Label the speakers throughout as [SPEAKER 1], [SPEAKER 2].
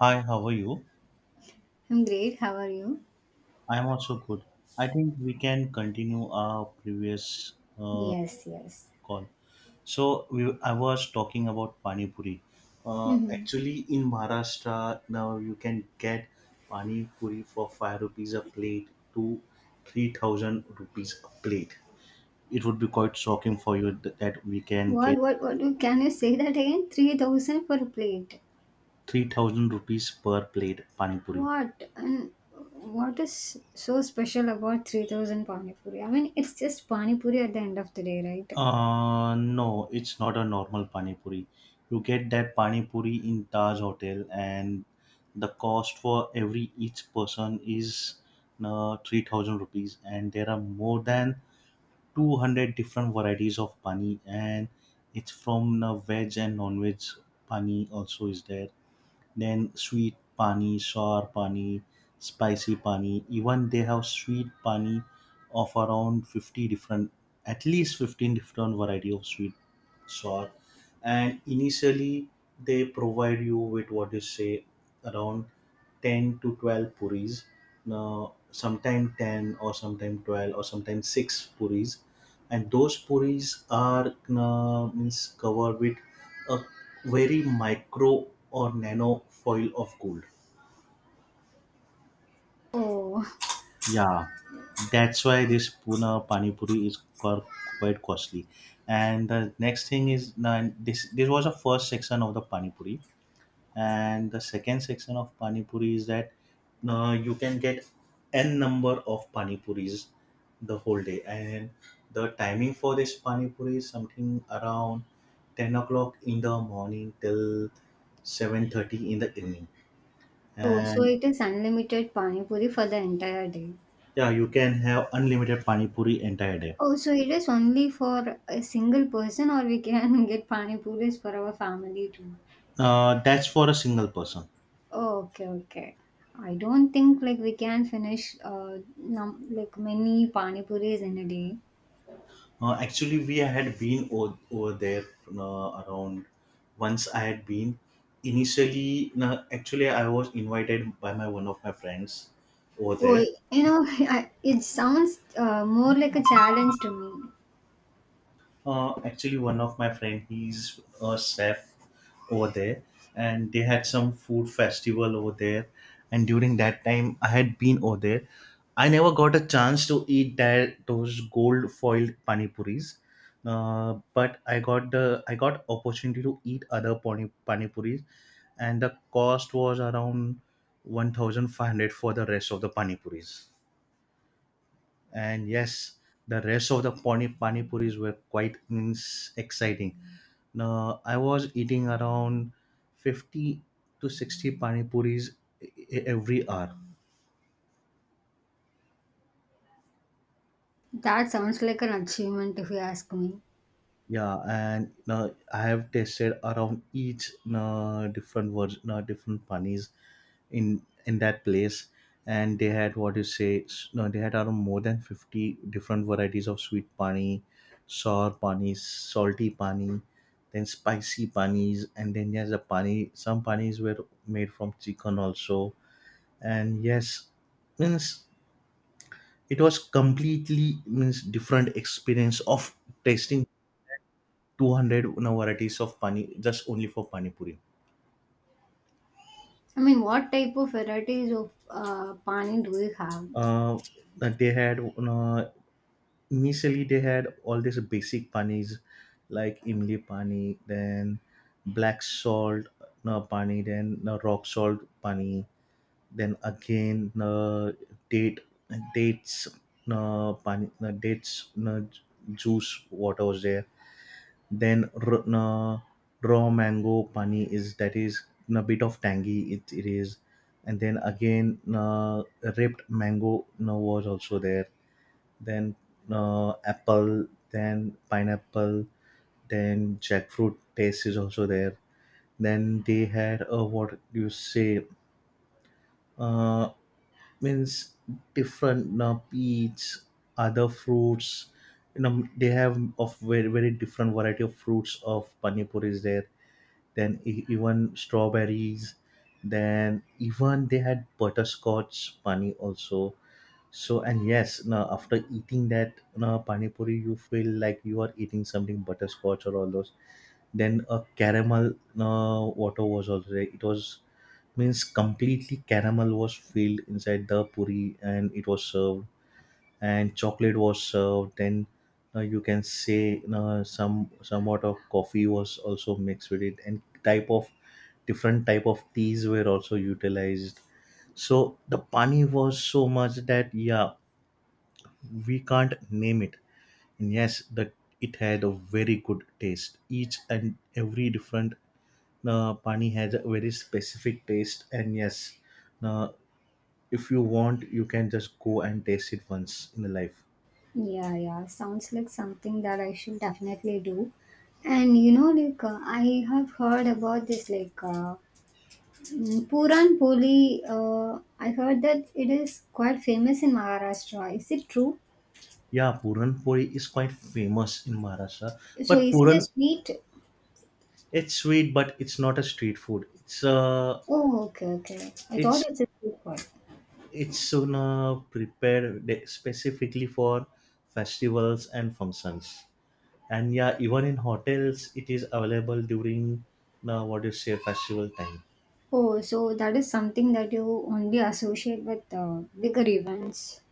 [SPEAKER 1] Hi, how are you?
[SPEAKER 2] I'm great. How are you?
[SPEAKER 1] I am also good. I think we can continue our previous uh,
[SPEAKER 2] Yes, yes.
[SPEAKER 1] call. I was talking about pani puri.
[SPEAKER 2] Hmm.
[SPEAKER 1] Actually, in Maharashtra now you can get pani puri for five rupees a plate to 3,000 rupees a plate. It would be quite shocking for you that we can get
[SPEAKER 2] What, what? Can you say that again? 3000 per plate.
[SPEAKER 1] 3,000 rupees per plate pani puri.
[SPEAKER 2] What? And what is so special about 3000 Pani Puri? I mean, it's just Pani Puri at the end of the day, right?
[SPEAKER 1] No, it's not a normal pani puri. You get that pani puri in Taj Hotel, and the cost for every each person is 3,000 rupees. And there are more than 200 different varieties of pani, and it's from veg and non-veg pani also is there. Then sweet pani, sour pani, spicy pani. Even they have sweet pani of around 50 different, at least 15 different variety of sweet sour. And initially they provide you with what you say around 10 to 12 puris. Now, sometime 10 or sometime 12 or sometime 6 puris, and those puris are means covered with a very micro or nano foil of gold.
[SPEAKER 2] Oh,
[SPEAKER 1] Yeah, that's why this Pune Pani Puri is quite costly. And the next thing is, this was the first section of the Pani Puri, and the second section of pani puri is that you can get n number of pani puris the whole day, and the timing for this pani puri is something around 10 o'clock in the morning till 7:30 in the evening
[SPEAKER 2] oh, so
[SPEAKER 1] and
[SPEAKER 2] it is unlimited Pani Puri for the entire day.
[SPEAKER 1] yeah, you can have unlimited pani puri entire day.
[SPEAKER 2] Oh, so it is only for a single person, or we can get Pani Puris for our family too?
[SPEAKER 1] That's for a single person.
[SPEAKER 2] Oh, okay, okay. I don't think like we can finish like many pani puris in a day.
[SPEAKER 1] Actually, we had been over there around once I had been. Initially, no, actually, I was invited by my one of my friends over
[SPEAKER 2] Oh,
[SPEAKER 1] there.
[SPEAKER 2] you know, it sounds more like a challenge to me.
[SPEAKER 1] Actually, one of my friend, he's a chef over there, and they had some food festival over there. And during that time, I had been over there. I never got a chance to eat that those gold foiled pani puris, but I got opportunity to eat other pani puris, and the cost was around 1,500 for the rest of the pani puris. And yes, the rest of the pani puris were quite ins exciting. Now I was eating around 50 to 60 pani puris every hour.
[SPEAKER 2] That sounds like an achievement if you ask me.
[SPEAKER 1] Yeah, and I have tasted around each different version, different panis in that place, and they had what you say. No, they had around more than 50 different varieties of sweet pani, sour pani, salty pani, then spicy panis, and then yes, the pani. Some panis were made from chicken also, and yes, means it was completely means different experience of tasting 200, you know, varieties of pani just only for pani puri.
[SPEAKER 2] I mean, what type of varieties of pani do we have?
[SPEAKER 1] uh, that they had, you know, initially they had all these basic panis like imli pani, then black salt no pani, then no, rock salt pani, then again no, date dates no, pani no, dates no, juice water was there. Then raw mango pani is that is a bit of tangy. It is, and then again na ripped mango na was also there. Then na apple, then pineapple, then jackfruit taste is also there. Then they had a what you say uh means different peach, other fruits. You know, they have of very different variety of fruits of pani puri is there. Then even strawberries, then even they had butterscotch pani also. So and yes, now after eating that now pani puri you feel like you are eating something butterscotch or all those. Then a caramel water was also there. It was means completely caramel was filled inside the puri and it was served, and chocolate was served, and you can say some somewhat of coffee was also mixed with it, and type of different type of teas were also utilized. So the pani was so much that yeah, we can't name it. And yes, that it had a very good taste. Each and every different pani has a very specific taste, and yes, uh, if you want you can just go and taste it once in a life.
[SPEAKER 2] Yeah, yeah, sounds like something that I should definitely do. And you know, like I have heard about this like Puran Poli, I heard that it is quite famous in Maharashtra. Is it true?
[SPEAKER 1] Yeah, Puranpoli is quite famous in Maharashtra.
[SPEAKER 2] So
[SPEAKER 1] But
[SPEAKER 2] is it a
[SPEAKER 1] Puran,
[SPEAKER 2] sweet?
[SPEAKER 1] it's sweet, but it's not a street food. It's
[SPEAKER 2] Oh, okay, okay. I thought
[SPEAKER 1] it's
[SPEAKER 2] it's a sweet one.
[SPEAKER 1] prepared specifically for festivals and functions. And yeah, even in hotels, it is available during what do you say festival time.
[SPEAKER 2] Oh, so that is something that you only associate with bigger events.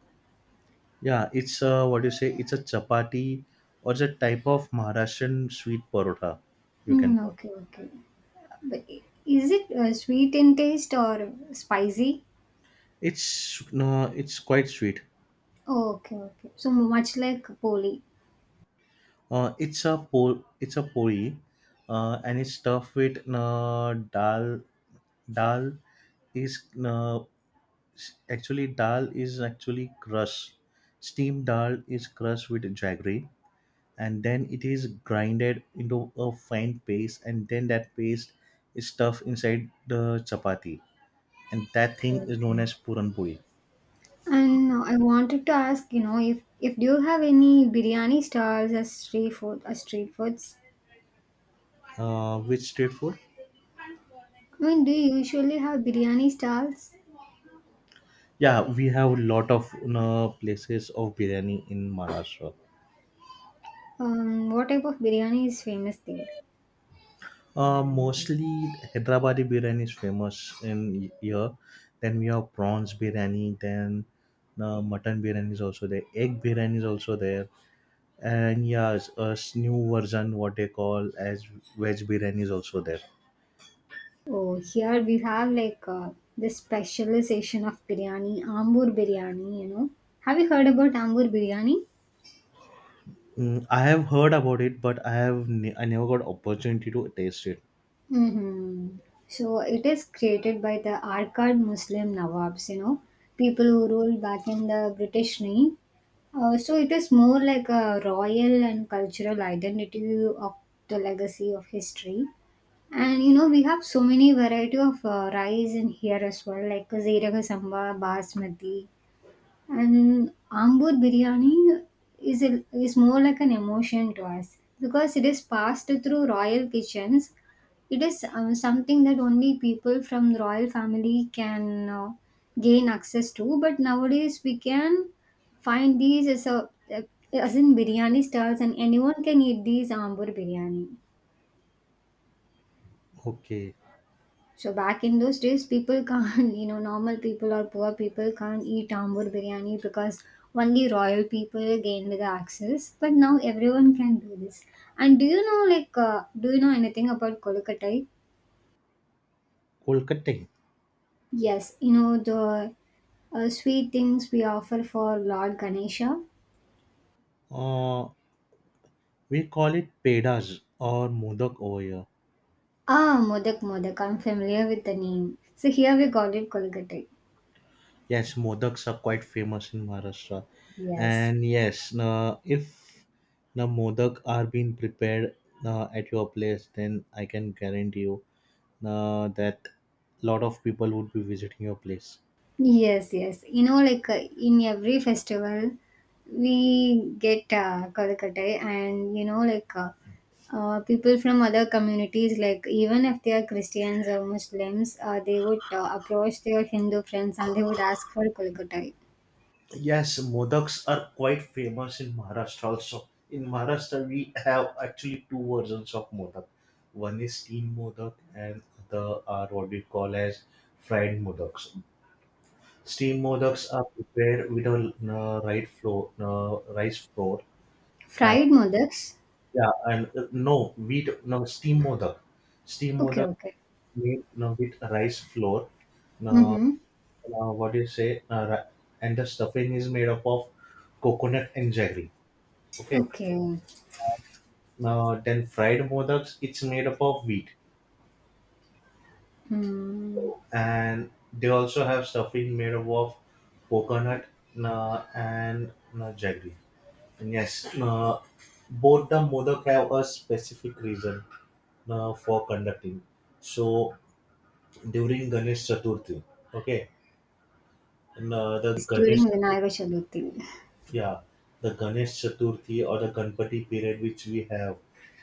[SPEAKER 1] Yeah, it's what do you say? It's a chapati or it's a type of Maharashtrian sweet parota. You can
[SPEAKER 2] Mm,
[SPEAKER 1] call it.
[SPEAKER 2] okay, okay. But is it sweet in taste or spicy?
[SPEAKER 1] It's no, it's quite sweet.
[SPEAKER 2] Oh, okay, okay. So much like Poli.
[SPEAKER 1] It's a it's a poi, and it's stuffed with dal. Dal is actually dal is actually crushed. Steamed dal is crushed with jaggery, and then it is grinded into a fine paste, and then that paste is stuffed inside the chapati, and that
[SPEAKER 2] Okay,
[SPEAKER 1] thing is
[SPEAKER 2] okay.
[SPEAKER 1] known as puran poi.
[SPEAKER 2] And I wanted to ask, if do you have any biryani stalls as street foods?
[SPEAKER 1] Which street food?
[SPEAKER 2] I mean, do you usually have biryani stalls?
[SPEAKER 1] Yeah, we have a lot of, you know, places of biryani in Maharashtra.
[SPEAKER 2] What type of biryani is famous there?
[SPEAKER 1] Mostly Hyderabadi biryani is famous in here. Then we have prawns biryani. Then the mutton biryani is also there. Egg biryani is also there. And yeah, a new version what they call as veg biryani is also there.
[SPEAKER 2] Oh, here we have like the specialization of biryani, Ambur biryani. Have you heard about Ambur biryani?
[SPEAKER 1] Mm, I have heard about it, but I never got opportunity to taste it.
[SPEAKER 2] Mm-hmm. So it is created by the Arcad Muslim Nawabs, you know, people who ruled back in the British reign. So it is more like a royal and cultural identity of the legacy of history. And we have so many variety of rice in here as well, like Ziraga Samba, Basmati, and Ambur biryani is more like an emotion to us because it is passed through royal kitchens. It is something that only people from the royal family can gain access to. But nowadays we can find these as a as in biryani stalls, and anyone can eat these Ambur biryani.
[SPEAKER 1] Okay,
[SPEAKER 2] So back in those days, people can't, normal people or poor people can't eat tambur biryani because only royal people gained the access. But now everyone can do this. And do you know anything about kolkata?
[SPEAKER 1] Kolkata.
[SPEAKER 2] Yes, you know the sweet things we offer for Lord Ganesha.
[SPEAKER 1] Uh, we call it pedas or modak over here.
[SPEAKER 2] Ah, modak. I'm familiar with the name. So here we call it kolkata.
[SPEAKER 1] Yes, modaks are quite famous in Maharashtra.
[SPEAKER 2] Yes.
[SPEAKER 1] And yes, if the modak are being prepared at your place, then I can guarantee you that lot of people would be visiting your place.
[SPEAKER 2] Yes, yes. Like in every festival, we get Kolkata, and like people from other communities, like even if they are Christians or Muslims, they would approach their Hindu friends and they would ask for Kolkata.
[SPEAKER 1] Yes, modaks are quite famous in Maharashtra also. In Maharashtra, we have actually two versions of modak. One is steam modak, and the are what we call as fried modaks. Steam modaks are prepared with a rice flour, and
[SPEAKER 2] Fried modaks?
[SPEAKER 1] yeah, and no wheat, no steam modak. Steam
[SPEAKER 2] Okay,
[SPEAKER 1] modak
[SPEAKER 2] okay.
[SPEAKER 1] made no, with rice flour. No,
[SPEAKER 2] Mm-hmm.
[SPEAKER 1] what do you say? And the stuffing is made up of coconut and jaggery. Okay.
[SPEAKER 2] Okay.
[SPEAKER 1] Now then, fried modaks. It's made up of wheat,
[SPEAKER 2] Hmm.
[SPEAKER 1] and they also have stuffing made up of coconut and jaggery. Yes, both the modak have a specific reason for conducting. So during Ganesh Chaturthi, okay, and,
[SPEAKER 2] It's during Vinayaka Chaturthi.
[SPEAKER 1] Yeah, the Ganesh Chaturthi or the Ganpati period which we have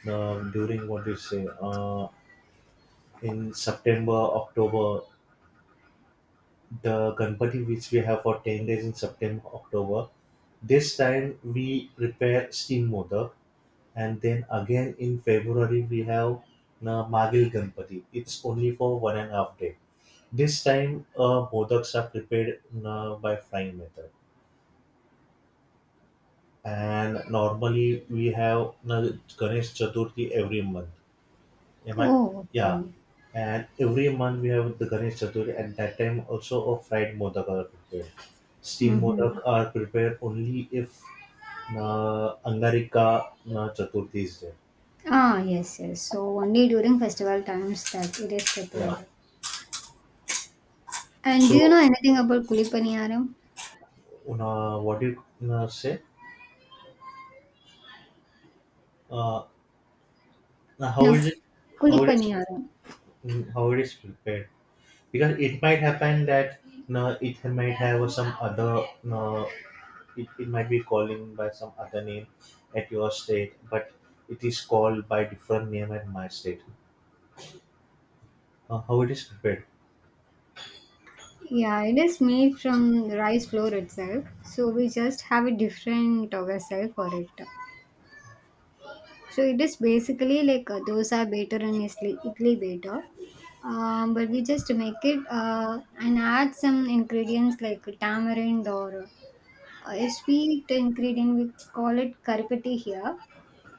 [SPEAKER 1] during what do you say in September, October, the Ganpati which we have for 10 days in September, October. This time we prepare steam modak, and then again in February we have Magil Ganpati. It's only for 1.5 day. This time, modaks are prepared by frying method, and normally we have Ganesh Chaturthi every month. Am I?
[SPEAKER 2] Oh,
[SPEAKER 1] Yeah,
[SPEAKER 2] okay.
[SPEAKER 1] and every month we have the Ganesh Chaturthi, and that time also a fried modak are prepared. Steam modak
[SPEAKER 2] Mm-hmm.
[SPEAKER 1] are prepared only if Angarika Chaturthi is there.
[SPEAKER 2] Ah, yes, yes. So only during festival times that it is
[SPEAKER 1] Yeah.
[SPEAKER 2] prepared. And do you
[SPEAKER 1] So
[SPEAKER 2] know anything about kulipaniyaram?
[SPEAKER 1] what you say uh, now how
[SPEAKER 2] No,
[SPEAKER 1] is it how it is,
[SPEAKER 2] kulipaniyaram.
[SPEAKER 1] mm, how it is prepared, because it might happen that it might have some other uh, it might be calling by some other name at your state, but it is called by different name at my state. How it is prepared.
[SPEAKER 2] Yeah, it is made from rice flour itself. So we just have a different vessel for it. So it is basically like a dosa batter and idli batter. But we just make it and add some ingredients like tamarind or a sweet ingredient. We call it karipati here.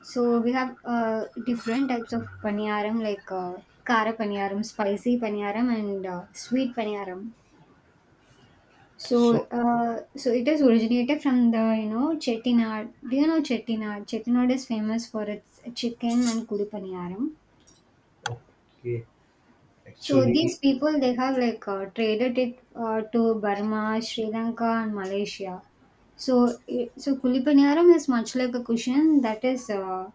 [SPEAKER 2] So we have different types of paniyaram like kara paniyaram, spicy paniyaram, and sweet paniyaram. So
[SPEAKER 1] So
[SPEAKER 2] uh, so it is originated from the Chettinad. Do you know Chettinad? Chettinad is famous for its chicken and kudi paniyaram.
[SPEAKER 1] okay,
[SPEAKER 2] So these
[SPEAKER 1] actually,
[SPEAKER 2] people they have like traded it to Burma, Sri Lanka, and Malaysia. So so Kulipaniyaram is much like a cushion that is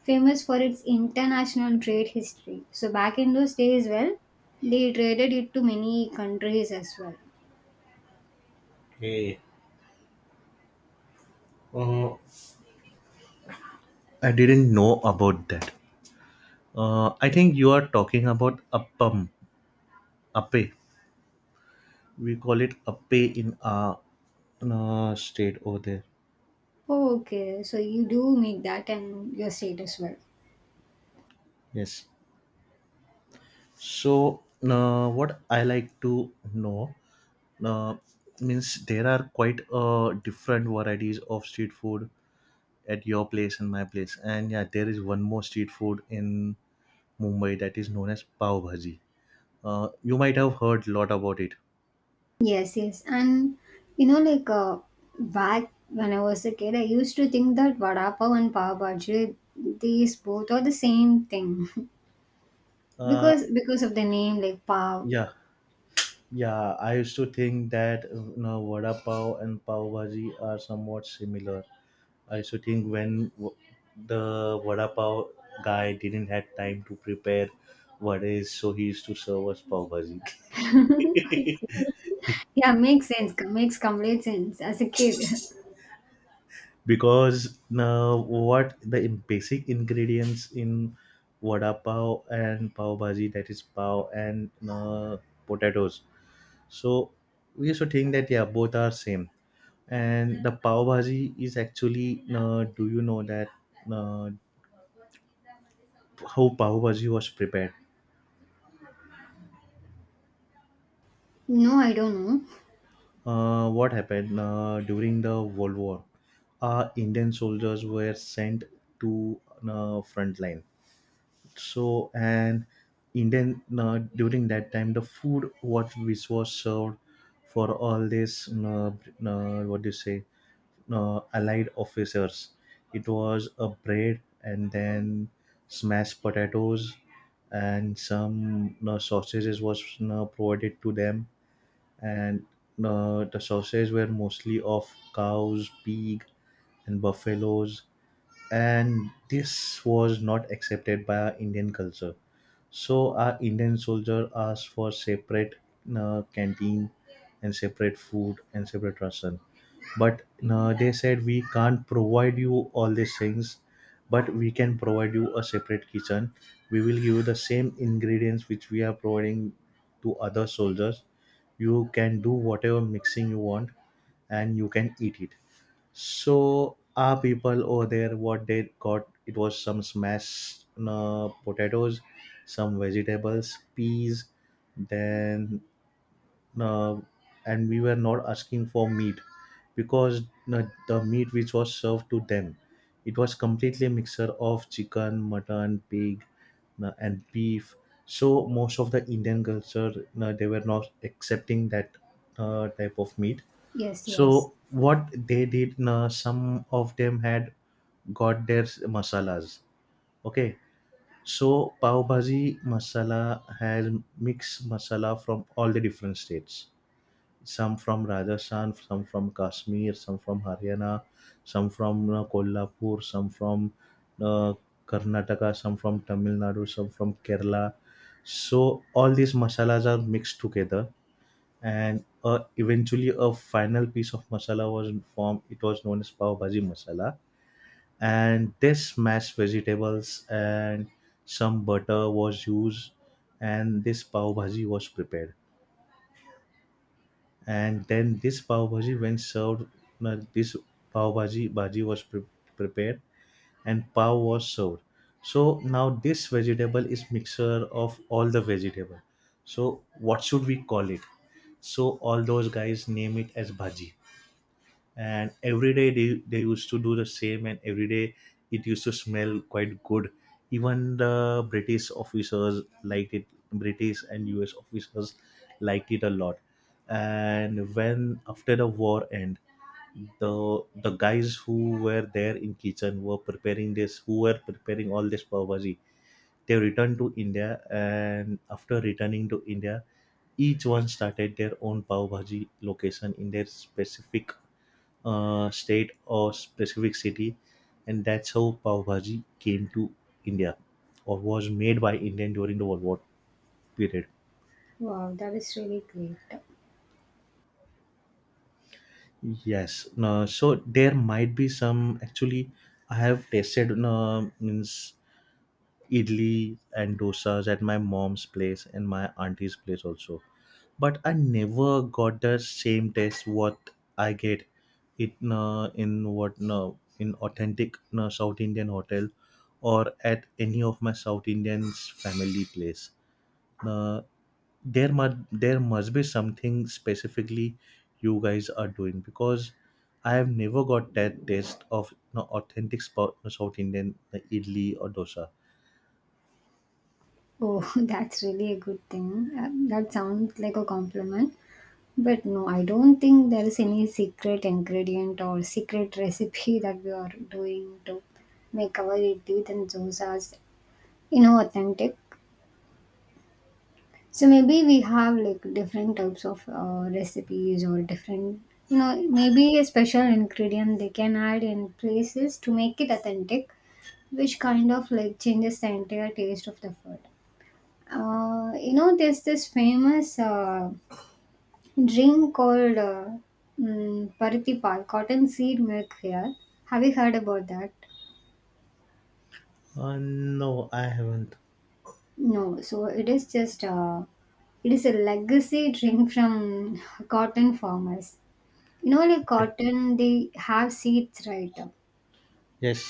[SPEAKER 2] famous for its international trade history. So back in those days, well, they traded it to many countries as well.
[SPEAKER 1] okay, uh, I didn't know about that. I think you are talking about appam, appe. We call it appe in our state over there.
[SPEAKER 2] Oh, okay, so you do make that and your state as well.
[SPEAKER 1] Yes. So what I like to know, uh, means there are quite different varieties of street food at your place and my place. And yeah, there is one more street food in Mumbai that is known as pav bhaji. You might have heard a lot about it.
[SPEAKER 2] Yes, yes. And like back when I was a kid, I used to think that vada pav and pav bhaji, these both are the same thing
[SPEAKER 1] uh,
[SPEAKER 2] because of the name, like pav.
[SPEAKER 1] yeah, yeah, I used to think that, you know, vada pav and pav bhaji are somewhat similar. I also think when the vada pav guy didn't have time to prepare what is, so he used to serve us pav bhaji.
[SPEAKER 2] Yeah, makes sense. Makes complete sense as a kid.
[SPEAKER 1] Because now what the basic ingredients in vada pav and pav bhaji, that is pav and potatoes. So we used to think that yeah, both are same. And the pav bhaji is actually do you know that uh, how pav bhaji was prepared?
[SPEAKER 2] No, I don't know.
[SPEAKER 1] What happened during the World War? Indian soldiers were sent to front line. So, and Indian during that time, the food what which was served for all this what do you say allied officers. It was a bread and then smashed potatoes and some sausages was provided to them, and the sources were mostly of cows, pig, and buffaloes, and this was not accepted by our Indian culture. So our Indian soldier asked for separate canteen and separate food and separate ration. But they said we can't provide you all these things, but we can provide you a separate kitchen. We will give you the same ingredients which we are providing to other soldiers. You can do whatever mixing you want, and you can eat it. So our people over there, what they got, it was some smashed potatoes, some vegetables, peas, then uh, and we were not asking for meat because the meat which was served to them, it was completely mixture of chicken, mutton, pig, and beef. So most of the Indian culture, they were not accepting that type of meat,
[SPEAKER 2] Yes, yes.
[SPEAKER 1] so what they did, na, some of them had got their masalas. Okay, so pav bhaji masala has mixed masala from all the different states. Some from Rajasthan, some from Kashmir, some from Haryana, some from Kolhapur, some from uh, Karnataka, some from Tamil Nadu, some from Kerala. So all these masalas are mixed together and eventually a final piece of masala was formed. It was known as pav bhaji masala, and this mashed vegetables and some butter was used, and this pav bhaji was prepared. And then this pav bhaji when served, this pav bhaji bhaji was pre- prepared and pav was served. So now this vegetable is mixture of all the vegetable, so what should we call it? So all those guys name it as bhaji. And every day they used to do the same, and every day it used to smell quite good. Even the British officers liked it. British and US officers liked it a lot. And when after the war end, the guys who were there in kitchen were preparing this, who were preparing all this pav bhaji, they returned to India, and after returning to India, each one started their own pav bhaji location in their specific state or specific city, and that's how pav bhaji came to India, or was made by Indian during the World War period.
[SPEAKER 2] Wow, that is really great.
[SPEAKER 1] Yes, no, so there might be some actually. I have tasted, no, means idli and dosas at my mom's place and my auntie's place also. But I never got the same taste what I get it in, what, no, in authentic South Indian hotel or at any of my South Indians family place. Uh, there must, there must be something specifically you guys are doing, because I have never got that taste of, no, authentic spot, South Indian idli or dosa.
[SPEAKER 2] Oh, that's really a good thing. That sounds like a compliment. But no, I don't think there is any secret ingredient or secret recipe that we are doing to make our idli and dosas, authentic. So maybe we have like different types of recipes or different, maybe a special ingredient they can add in places to make it authentic, which kind of like changes the entire taste of the food. There's this famous drink called Parthi cotton seed milk here. Have you heard about that?
[SPEAKER 1] No, I haven't.
[SPEAKER 2] No, so it is a legacy drink from cotton farmers. Like
[SPEAKER 1] Okay.
[SPEAKER 2] cotton, they have seeds, right?
[SPEAKER 1] Yes.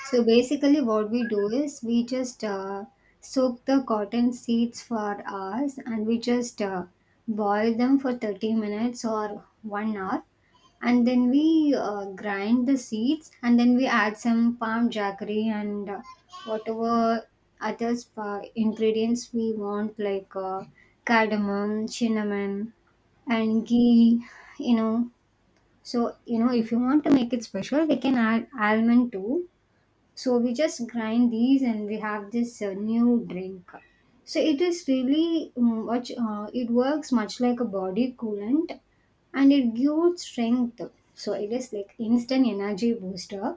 [SPEAKER 2] So basically, what we do is we just soak the cotton seeds for hours and we just boil them for 30 minutes or one hour. And then we grind the seeds and then we add some palm jaggery and whatever other spa ingredients we want, like cardamom, cinnamon, and ghee, you know. So, if you want to make it special, we can add almond too, so we just grind these and we have this new drink. So it is really it works much like a body coolant and it gives strength. So it is like instant energy booster.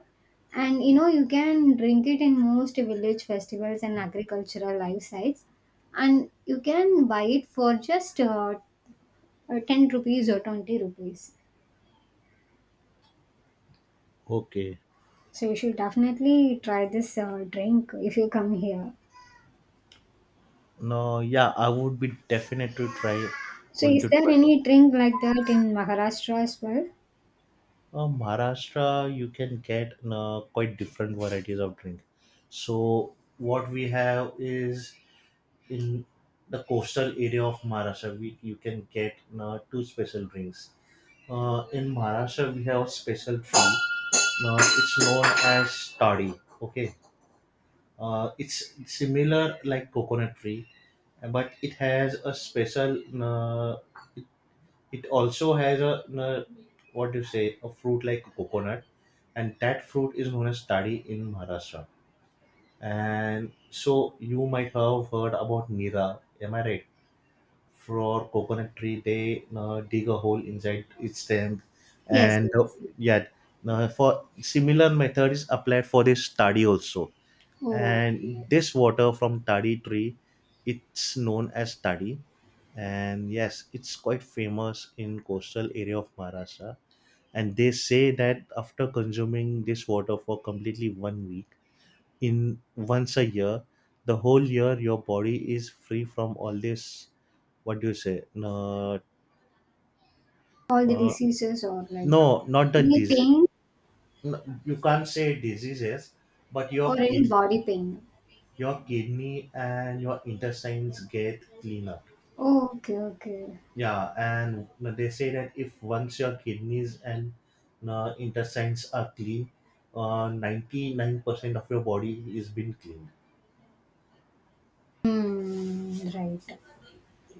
[SPEAKER 2] And you can drink it in most village festivals and agricultural life sites. And you can buy it for just 10 rupees or 20 rupees.
[SPEAKER 1] Okay.
[SPEAKER 2] So you should definitely try this drink if you come here.
[SPEAKER 1] No, yeah, I would be definitely try
[SPEAKER 2] So
[SPEAKER 1] going to
[SPEAKER 2] is there
[SPEAKER 1] try.
[SPEAKER 2] any drink like that in Maharashtra as well?
[SPEAKER 1] Maharashtra, you can get quite different varieties of drink. So what we have is, in the coastal area of Maharashtra, we you can get two special drinks. In Maharashtra, we have special tree. Now it's known as toddy. Okay, it's similar like coconut tree, but it has a special. Uh, It also has a what do you say, a fruit like a coconut, and that fruit is known as tadi in Maharashtra. And so you might have heard about Nira, am I right? For coconut tree, they dig a hole inside its stem,
[SPEAKER 2] Yes,
[SPEAKER 1] and
[SPEAKER 2] yes, yes.
[SPEAKER 1] yeah, for similar method is applied for this study also,
[SPEAKER 2] Oh,
[SPEAKER 1] and
[SPEAKER 2] okay.
[SPEAKER 1] this water from tadi tree, it's known as tadi, and yes, it's quite famous in coastal area of Maharashtra. And they say that after consuming this water for completely 1 week, in once a year, the whole year your body is free from all this, what do you say, no,
[SPEAKER 2] All the
[SPEAKER 1] uh,
[SPEAKER 2] diseases or like,
[SPEAKER 1] no, not the
[SPEAKER 2] any
[SPEAKER 1] disease.
[SPEAKER 2] pain
[SPEAKER 1] No, you can't say diseases, but
[SPEAKER 2] or any body pain.
[SPEAKER 1] your kidney and your intestines get cleaner.
[SPEAKER 2] Oh, okay, okay.
[SPEAKER 1] Yeah, and they say that if once your kidneys and intestines are clean, 99% of your body is been cleaned.
[SPEAKER 2] Hmm, right.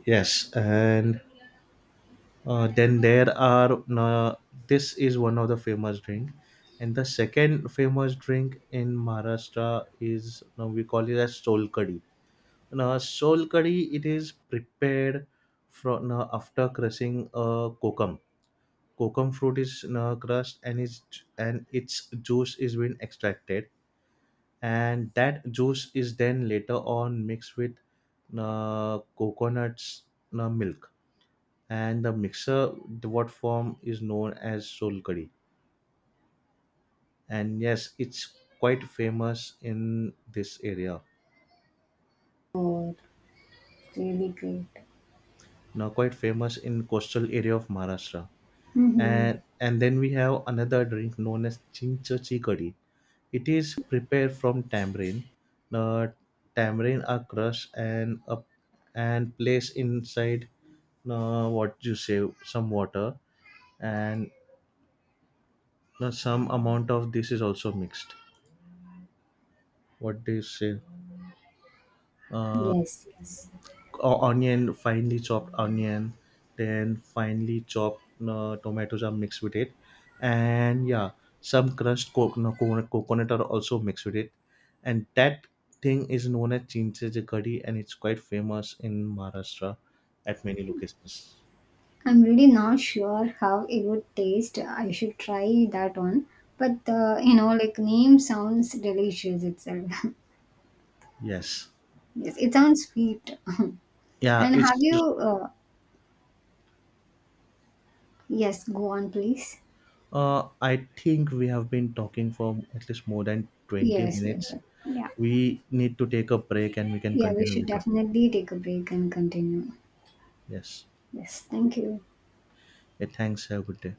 [SPEAKER 1] Yes, and then there are this is one of the famous drink, and the second famous drink in Maharashtra is, we call it as solkadi. Now, solkadi, it is prepared from, after crushing a kokum. Kokum fruit is crushed, and its juice is being extracted, and that juice is then later on mixed with coconuts milk, and the mixer, the what form is known as solkadi, and yes, it's quite famous in this area.
[SPEAKER 2] Oh, really great.
[SPEAKER 1] Now, quite famous in coastal area of Maharashtra.
[SPEAKER 2] Mm-hmm.
[SPEAKER 1] And then we have another drink known as chincha chicory. It is prepared from tamarind. The tamarind are crushed and up and placed inside, what you say, some water, and some amount of this is also mixed, what do you say, Uh,
[SPEAKER 2] Yes, yes.
[SPEAKER 1] onion, finely chopped onion, then finely chopped tomatoes are mixed with it, and yeah, some crushed coconut are also mixed with it, and that thing is known as chinchaj curry, and it's quite famous in Maharashtra at many locations.
[SPEAKER 2] I'm really not sure how it would taste. I should try that one. But, like name sounds delicious itself.
[SPEAKER 1] Yes,
[SPEAKER 2] Yes, it sounds sweet.
[SPEAKER 1] yeah,
[SPEAKER 2] And have
[SPEAKER 1] it's.
[SPEAKER 2] you, Yes, go on, please.
[SPEAKER 1] I think we have been talking for at least more than twenty
[SPEAKER 2] Yes, yes,
[SPEAKER 1] minutes.
[SPEAKER 2] sure. Yeah.
[SPEAKER 1] We need to take a break, and we can
[SPEAKER 2] Yeah, we
[SPEAKER 1] continue
[SPEAKER 2] should
[SPEAKER 1] later.
[SPEAKER 2] definitely take a break and continue.
[SPEAKER 1] Yes.
[SPEAKER 2] Yes, thank you.
[SPEAKER 1] Yeah, thanks. Have a good day.